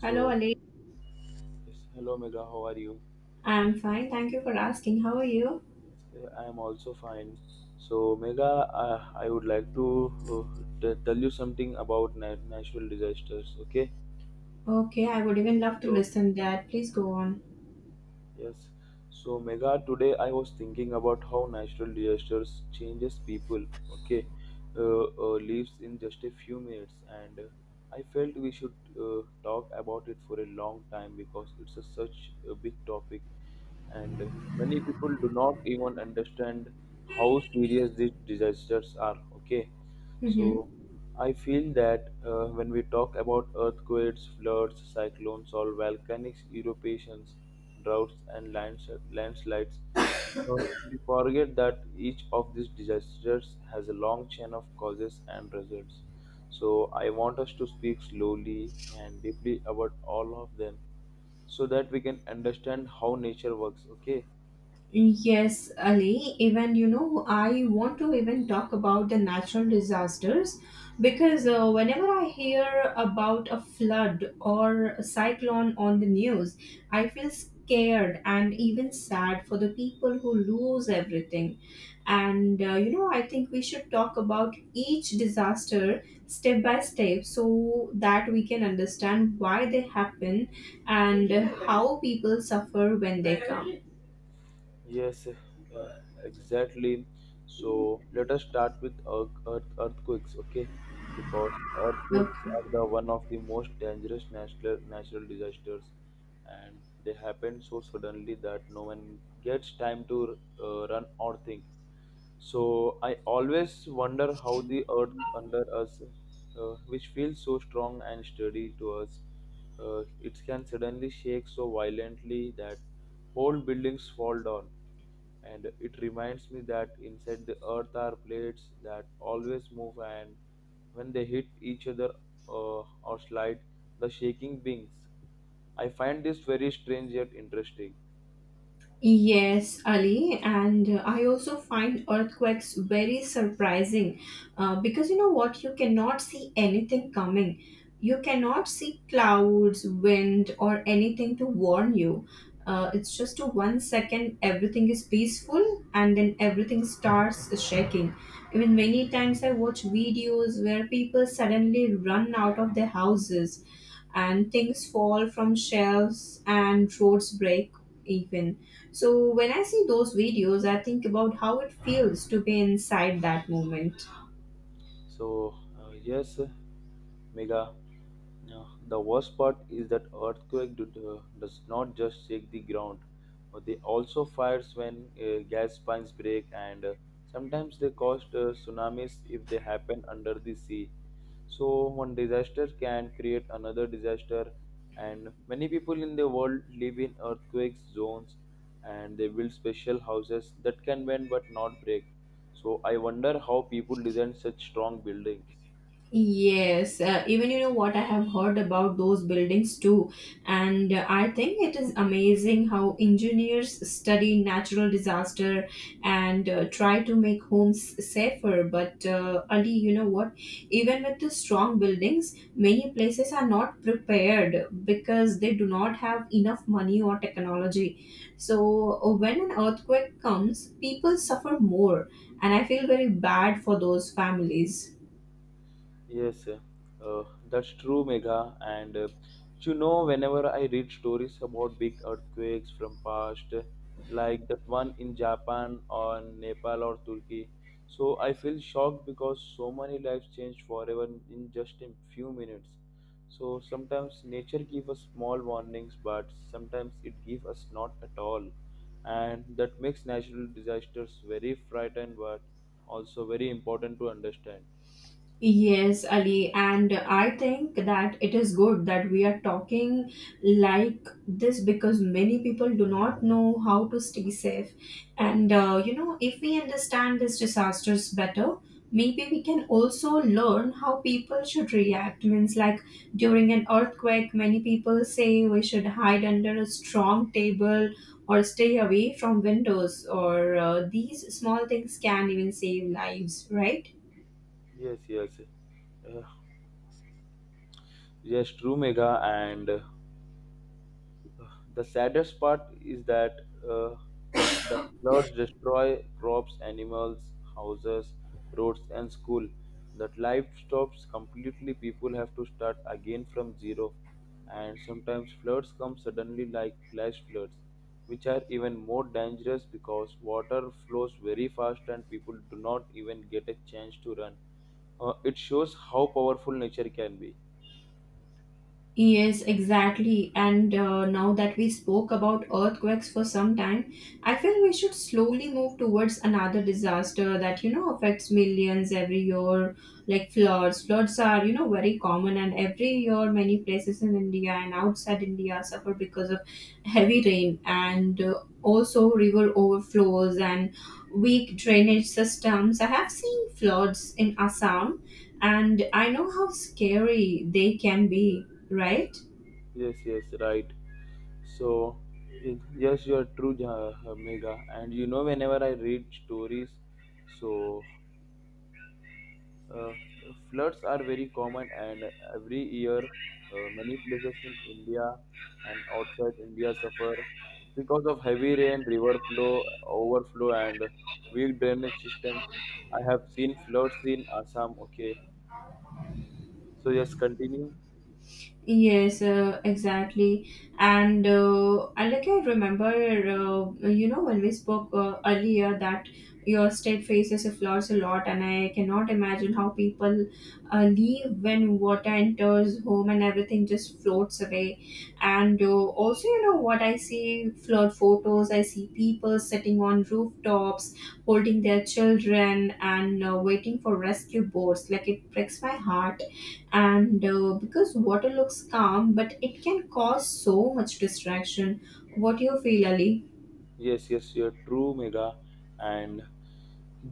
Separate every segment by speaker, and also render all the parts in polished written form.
Speaker 1: Hello, Ali.
Speaker 2: yes, hello Mega, how are you?
Speaker 1: I'm fine. Thank you for asking. How are you?
Speaker 2: Yes, I am also fine. So, Mega, I would like to tell you something about natural disasters, okay?
Speaker 1: Okay, I would even love to
Speaker 2: So,
Speaker 1: listen that. Please go on.
Speaker 2: Yes. So Mega, today I was thinking about how natural disasters changes people. Okay, lives in just a few minutes, and I felt we should talk about it for a long time because it's a, such a big topic, and many people do not even understand how serious these disasters are. Okay,
Speaker 1: Mm-hmm.
Speaker 2: so I feel that when we talk about earthquakes, floods, cyclones, or volcanic eruptions, droughts, and landslides, Uh, we forget that each of these disasters has a long chain of causes and results. So, I want us to speak slowly and deeply about all of them so that we can understand how nature works. Okay,
Speaker 1: Yes, Ali. I want to even talk about the natural disasters because whenever I hear about a flood or a cyclone on the news, I feel scared and even sad for the people who lose everything, and I think we should talk about each disaster step by step so that we can understand why they happen and how people suffer when they come.
Speaker 2: yes, exactly. So let us start with earthquakes, okay? Because earthquakes
Speaker 1: Okay.
Speaker 2: are the one of the most dangerous natural disasters, and they happen so suddenly that no one gets time to run or think. So I always wonder how the earth under us, which feels so strong and sturdy to us, it can suddenly shake so violently that whole buildings fall down, and it reminds me that inside the earth are plates that always move, and when they hit each other, uh, or slide, the shaking beings. I find this very strange yet interesting.
Speaker 1: Yes, Ali, and I also find earthquakes very surprising because you know what? You cannot see anything coming. You cannot see clouds, wind, or anything to warn you. It's just a 1 second everything is peaceful, and then everything starts shaking. Even many times I watch videos where people suddenly run out of their houses and things fall from shelves and roads break, even so when I see those videos, I think about how it feels to be inside that moment.
Speaker 2: So, yes, Mega, yeah. The worst part is that earthquake does not just shake the ground, but they also fires when gas pipes break, and sometimes they cause tsunamis if they happen under the sea. So one disaster can create another disaster, and many people in the world live in earthquake zones, and they build special houses that can bend but not break. So I wonder how people design such strong buildings.
Speaker 1: Yes, even you know what, I have heard about those buildings too, and I think it is amazing how engineers study natural disaster and try to make homes safer. But Ali, you know what? Even with the strong buildings, many places are not prepared because they do not have enough money or technology. So when an earthquake comes, people suffer more, and I feel very bad for those families.
Speaker 2: Yes, uh, that's true, Megha. And you know, whenever I read stories about big earthquakes from past, like that one in Japan or Nepal or Turkey, so I feel shocked because so many lives change forever in just a few minutes. So sometimes nature gives us small warnings, but sometimes it gives us not at all, and that makes natural disasters very frightening, but also very important to understand.
Speaker 1: Yes, Ali, and I think that it is good that we are talking like this because many people do not know how to stay safe. And you know, if we understand these disasters better, maybe we can also learn how people should react. Means, like during an earthquake, many people say we should hide under a strong table or stay away from windows, or these small things can even save lives, right?
Speaker 2: Yes, yes. Uh, yes, true, Megha. And the saddest part is that uh, the floods destroy crops, animals, houses, roads, and school. That life stops completely. People have to start again from zero. And sometimes floods come suddenly, like flash floods, which are even more dangerous because water flows very fast and people do not even get a chance to run. It shows how powerful nature can be.
Speaker 1: Yes, exactly. And now that we spoke about earthquakes for some time, I feel we should slowly move towards another disaster that, you know, affects millions every year, like floods. Floods are, you know, very common, and every year many places in India and outside India suffer because of heavy rain and also river overflows and weak drainage systems. I have seen floods in Assam, and I know how scary they can be, right?
Speaker 2: Yes, yes, right. So, it, yes, you are true, Megha. And you know, whenever I read stories, so uh, floods are very common, and every year, many places in India and outside India suffer because of heavy rain, river flow, overflow, and weak drainage systems. I have seen floods in Assam. Okay, so yes, continue.
Speaker 1: Yes, exactly. And I remember, you know, when we spoke earlier that your state faces a flaws a lot, and I cannot imagine how people leave when water enters home and everything just floats away. And also, you know, what I see flood photos, I see people sitting on rooftops, holding their children, and waiting for rescue boats. Like, it breaks my heart, and because water looks calm but it can cause so much distraction. What do you feel, Ali?
Speaker 2: Yes, yes, you're true, Mega. And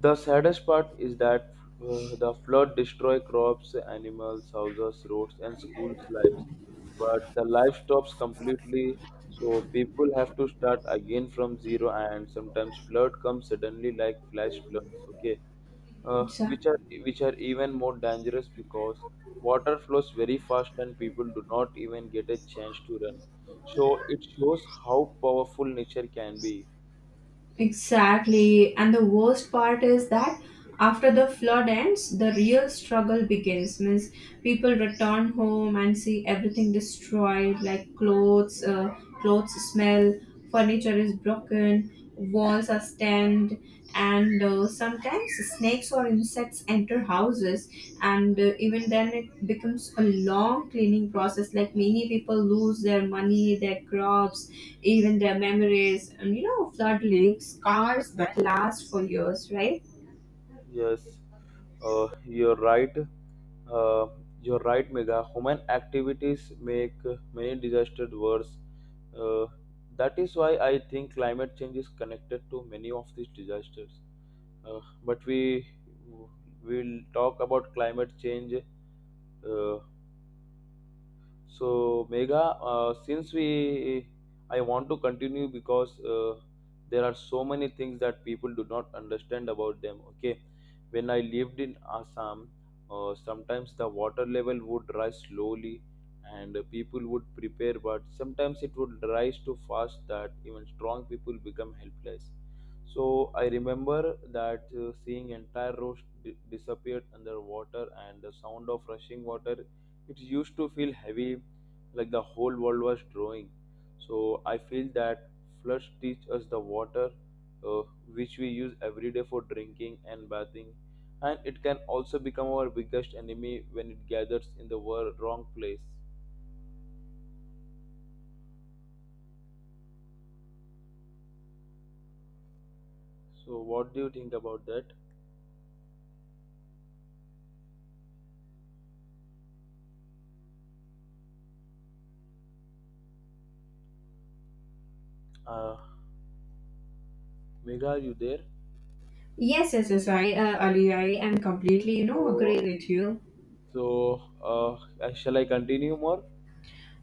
Speaker 2: the saddest part is that the flood destroy crops, animals, houses, roads, and schools' lives. But the life stops completely, so people have to start again from zero. And sometimes flood comes suddenly, like flash floods. Okay, uh, which are
Speaker 1: Exactly.
Speaker 2: which are even more dangerous because water flows very fast and people do not even get a chance to run. So it shows how powerful nature can be.
Speaker 1: Exactly, and the worst part is that after the flood ends the real struggle begins. Means people return home and see everything destroyed, like clothes, clothes smell, furniture is broken, walls are stained, and sometimes snakes or insects enter houses, and even then it becomes a long cleaning process. Like, many people lose their money, their crops, even their memories, and you know flood leaves scars that last for years, right?
Speaker 2: Yes, you're right. Uh, you're right, Megha. Human activities make many disasters worse. Uh, that is why I think climate change is connected to many of these disasters. But we will talk about climate change. uh, so Mega, I want to continue because there are so many things that people do not understand about them. Okay, when I lived in Assam, sometimes the water level would rise slowly, and people would prepare, but sometimes it would rise too fast that even strong people become helpless. So I remember that seeing entire roads disappeared under water, and the sound of rushing water, it used to feel heavy, like the whole world was drawing. So I feel that floods teach us the water, uh, which we use every day for drinking and bathing, and it can also become our biggest enemy when it gathers in the wrong place. So what do you think about that? uh, Mega, are you there?
Speaker 1: Yes. I Ali, I am completely, you know,
Speaker 2: so
Speaker 1: agree with you.
Speaker 2: so uh, Shall I continue more?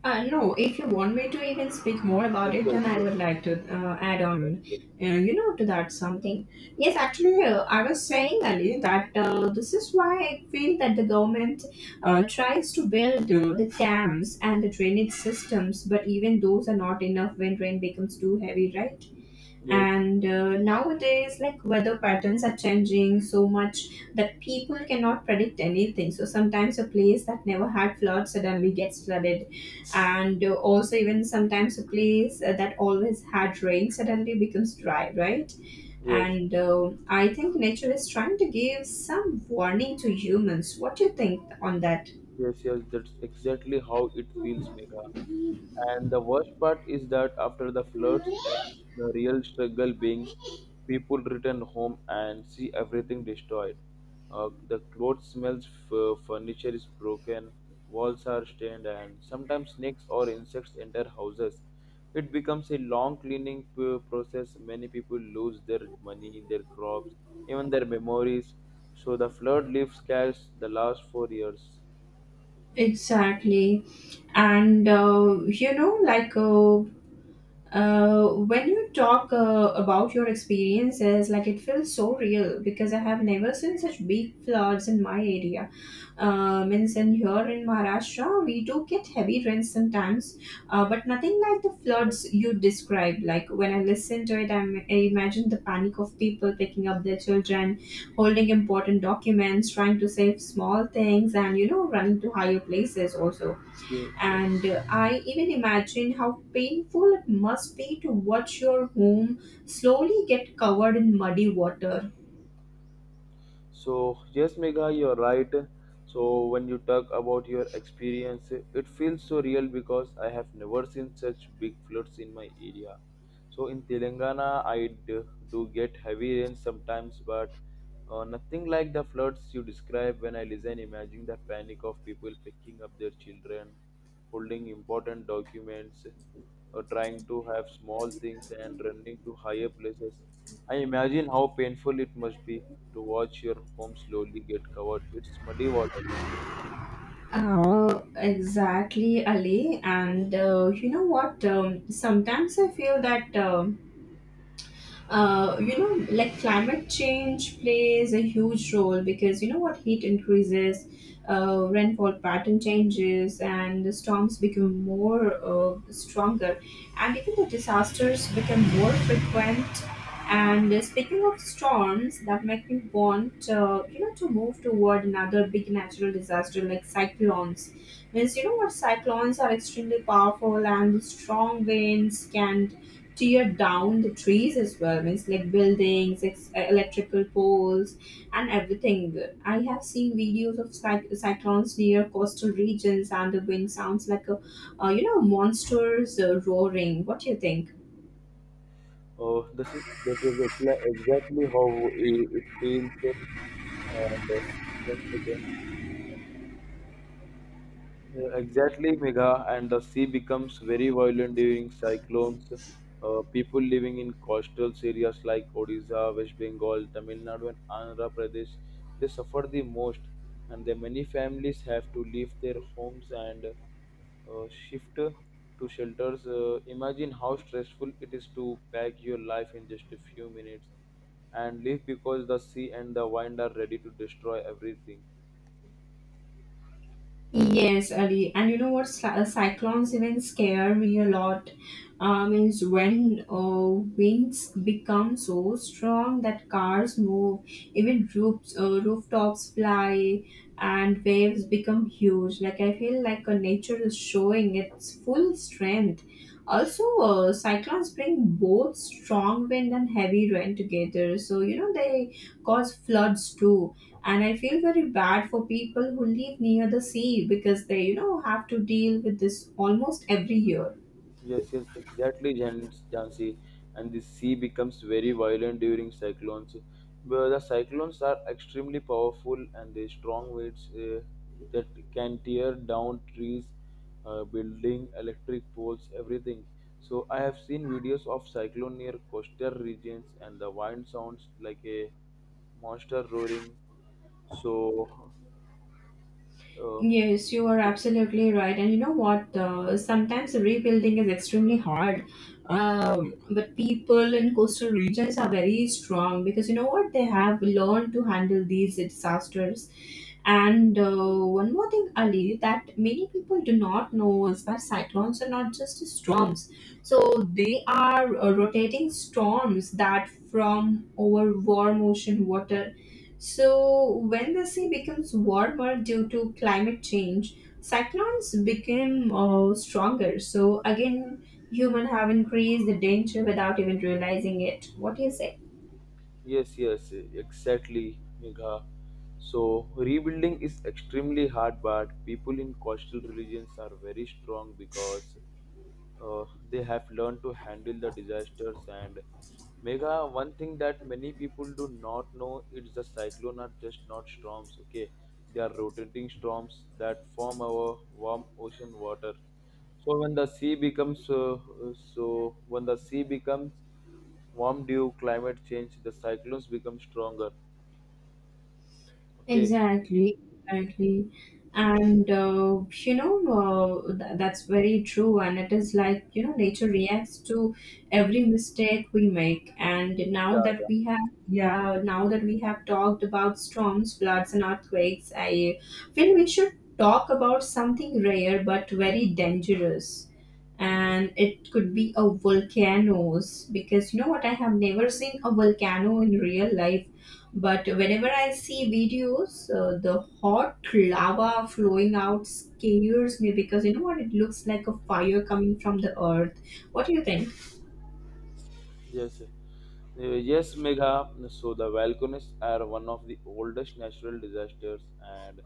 Speaker 1: No, if you want me to even speak more about it,
Speaker 2: Okay,
Speaker 1: then I would
Speaker 2: okay,
Speaker 1: like to add on,
Speaker 2: okay.
Speaker 1: you know, to that something. Yes, actually, I was saying earlier that this is why I feel that the government tries to build the dams and the drainage systems, but even those are not enough when rain becomes too heavy, right?
Speaker 2: Yes,
Speaker 1: And nowadays, like, weather patterns are changing so much that people cannot predict anything, so sometimes a place that never had floods suddenly gets flooded, and also even sometimes a place that always had rain suddenly becomes dry, right?
Speaker 2: yes.
Speaker 1: And I think nature is trying to give some warning to humans. What do you think on that?
Speaker 2: Yes, yes, that's exactly how it feels, Megha. And the worst part is that after the floods, that's the real struggle beings. People return home and see everything destroyed. The clothes smells, furniture is broken, walls are stained, and sometimes snakes or insects enter houses. It becomes a long cleaning process. Many people lose their money, their crops, even their memories. So the flood leaves scars. The last 4 years.
Speaker 1: Exactly. And when you talk about your experiences, like it feels so real because I have never seen such big floods in my area. Means in here in Maharashtra, we do get heavy rains sometimes, but nothing like the floods you described. Like when I listen to it, I imagine the panic of people picking up their children, holding important documents, trying to save small things, and, you know, running to higher places also.
Speaker 2: Okay, okay.
Speaker 1: And I even imagine how painful it must be to watch your home slowly get covered in muddy water.
Speaker 2: So, yes, Megha, you're right. So, when you talk about your experience, it feels so real because I have never seen such big floods in my area. So, in Telangana, I do get heavy rain sometimes, but nothing like the floods you describe. When I listen, imagine the panic of people picking up their children, holding important documents. Trying to have small things and running to higher places. I imagine how painful it must be to watch your home slowly get covered. It's muddy water.
Speaker 1: Oh, exactly, Ali. And you know what? Sometimes I feel that. You know, like, climate change plays a huge role because you know what, heat increases, rainfall pattern changes, and the storms become more stronger, and even the disasters become more frequent. And speaking of storms, that make me want, you know, to move toward another big natural disaster like cyclones. Means, you know what, cyclones are extremely powerful and the strong winds can tear down the trees as well. Means, like, buildings, electrical poles and everything. I have seen videos of cyclones near coastal regions, and the wind sounds like a you know, monsters roaring. What do you think?
Speaker 2: Oh, this is that is exa- exactly how it feels. And once again, yeah, exactly, Megha, and the sea becomes very violent during cyclones. People living in coastal areas like Odisha, West Bengal, Tamil Nadu, and Andhra Pradesh, they suffer the most, and their many families have to leave their homes and shift to shelters. Imagine how stressful it is to pack your life in just a few minutes and leave because the sea and the wind are ready to destroy everything.
Speaker 1: Yes, Ali. And you know what? Cyclones even scare me a lot. Means when winds become so strong that cars move, even roofs, rooftops fly, and waves become huge. Like, I feel like nature is showing its full strength. Also, cyclones bring both strong wind and heavy rain together. So, you know, they cause floods too. And I feel very bad for people who live near the sea because they, you know, have to deal with this almost every year.
Speaker 2: Yes, yes, exactly, Jansi. And the sea becomes very violent during cyclones. But the cyclones are extremely powerful and they strong winds that can tear down trees, building, electric poles, everything. So I have seen videos of cyclone near coastal regions, and the wind sounds like a monster roaring. So, uh,
Speaker 1: Yes, you are absolutely right. And you know what? Sometimes rebuilding is extremely hard. But people in coastal regions are very strong because you know what? They have learned to handle these disasters. And one more thing, Ali, that many people do not know is that cyclones are not just storms. So they are rotating storms that from over warm ocean water. So, when the sea becomes warmer due to climate change, cyclones become stronger. So, again, human have increased the danger without even realizing it. What do you say?
Speaker 2: yes, yes, exactly, Megha. So, rebuilding is extremely hard, but people in coastal regions are very strong because uh, they have learned to handle the disasters. And Megha, one thing that many people do not know is the cyclone are just not storms. Okay, they are rotating storms that form our warm ocean water. So when the sea becomes warm due climate change, the cyclones become stronger. Okay.
Speaker 1: Exactly, exactly. And you know, that's very true. And it is like, you know, nature reacts to every mistake we make. And now
Speaker 2: Yeah,
Speaker 1: that
Speaker 2: yeah.
Speaker 1: we have, yeah, now that we have talked about storms, floods, and earthquakes, I feel we should talk about something rare but very dangerous, and it could be a volcanoes because you know what, I have never seen a volcano in real life, but whenever I see videos, the hot lava flowing out scares me because you know what, it looks like a fire coming from the earth. What do you think?
Speaker 2: Yes. Yes, Megha. So the volcanoes are one of the oldest natural disasters, and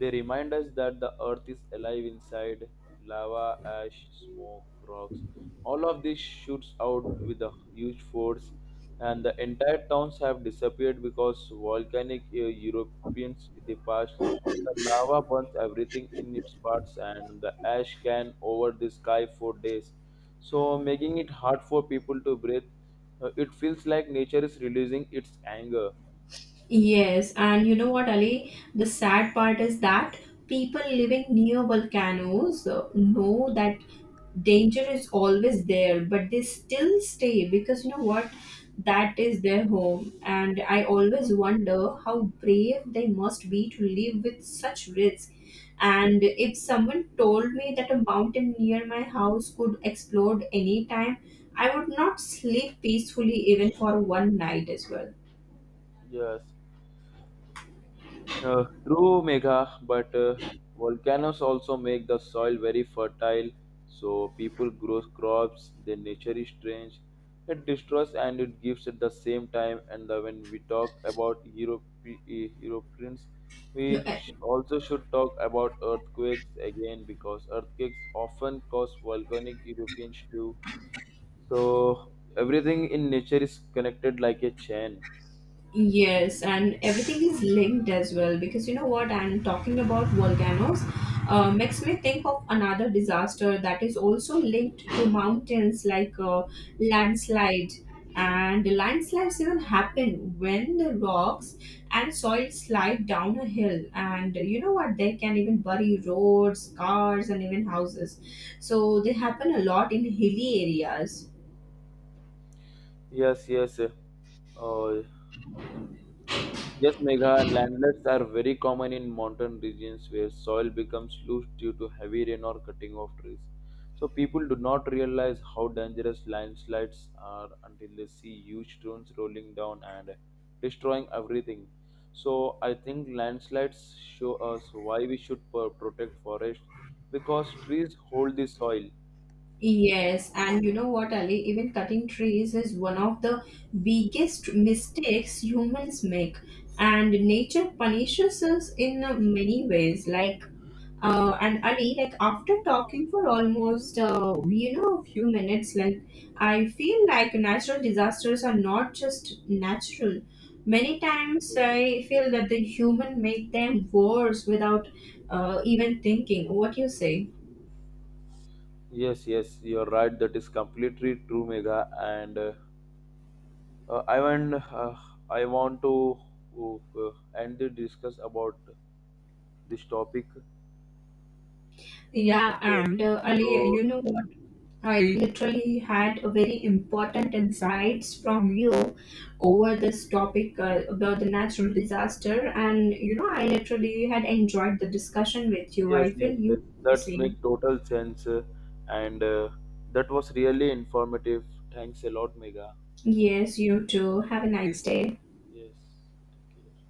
Speaker 2: they remind us that the earth is alive inside. Lava, ash, smoke, rocks. All of this shoots out with a huge force, and the entire towns have disappeared because volcanic eruptions in the past. The lava burns everything in its parts, and the ash can over the sky for days, so making it hard for people to breathe. It feels like nature is releasing its anger.
Speaker 1: Yes, and you know what, Ali? The sad part is that people living near volcanoes know that danger is always there, but they still stay because you know what? That is their home. And I always wonder how brave they must be to live with such risk. And if someone told me that a mountain near my house could explode anytime, I would not sleep peacefully even for one night as well.
Speaker 2: Yes. True, Megha, but volcanoes also make the soil very fertile, so people grow crops, their nature is strange. It destroys and it gives at the same time. And when we talk about Europe, eh, Europeans,
Speaker 1: No,
Speaker 2: we
Speaker 1: uh.
Speaker 2: also should talk about earthquakes again because earthquakes often cause volcanic eruptions too. So everything in nature is connected like a chain.
Speaker 1: Yes, and everything is linked as well because you know what? And talking about volcanoes makes me think of another disaster that is also linked to mountains, like, landslide. And landslides even happen when the rocks and soil slide down a hill. And you know what? They can even bury roads, cars, and even houses. So they happen a lot in hilly areas.
Speaker 2: Yes, yes. Uh, Yes, Megha, landslings are very common in mountain regions where soil becomes loose due to heavy rain or cutting of trees. So people do not realize how dangerous landslides are until they see huge stones rolling down and destroying everything. So I think landslides show us why we should protect forests because trees hold the soil.
Speaker 1: Yes, and you know what, Ali? Even cutting trees is one of the biggest mistakes humans make, and nature punishes us in many ways. Like, and Ali, like, after talking for almost you know, a few minutes, like, I feel like natural disasters are not just natural. Many times I feel that the human make them worse without even thinking. What you say?
Speaker 2: Yes, yes, you're right. That is completely true, Megha, and. Uh, I want uh, I want to uh, end the discuss about this topic.
Speaker 1: Yeah,
Speaker 2: Okay,
Speaker 1: and Ali,
Speaker 2: so
Speaker 1: you know what? I literally had a very important insights from you over this topic about the natural disaster, and, you know, I literally had enjoyed the discussion with you.
Speaker 2: yes,
Speaker 1: I feel
Speaker 2: yes,
Speaker 1: you
Speaker 2: yes,
Speaker 1: the
Speaker 2: that's
Speaker 1: same.
Speaker 2: make total sense, and that was really informative. Thanks a lot, Mega.
Speaker 1: Yes, you too. Have a nice day.
Speaker 2: Yes, take care.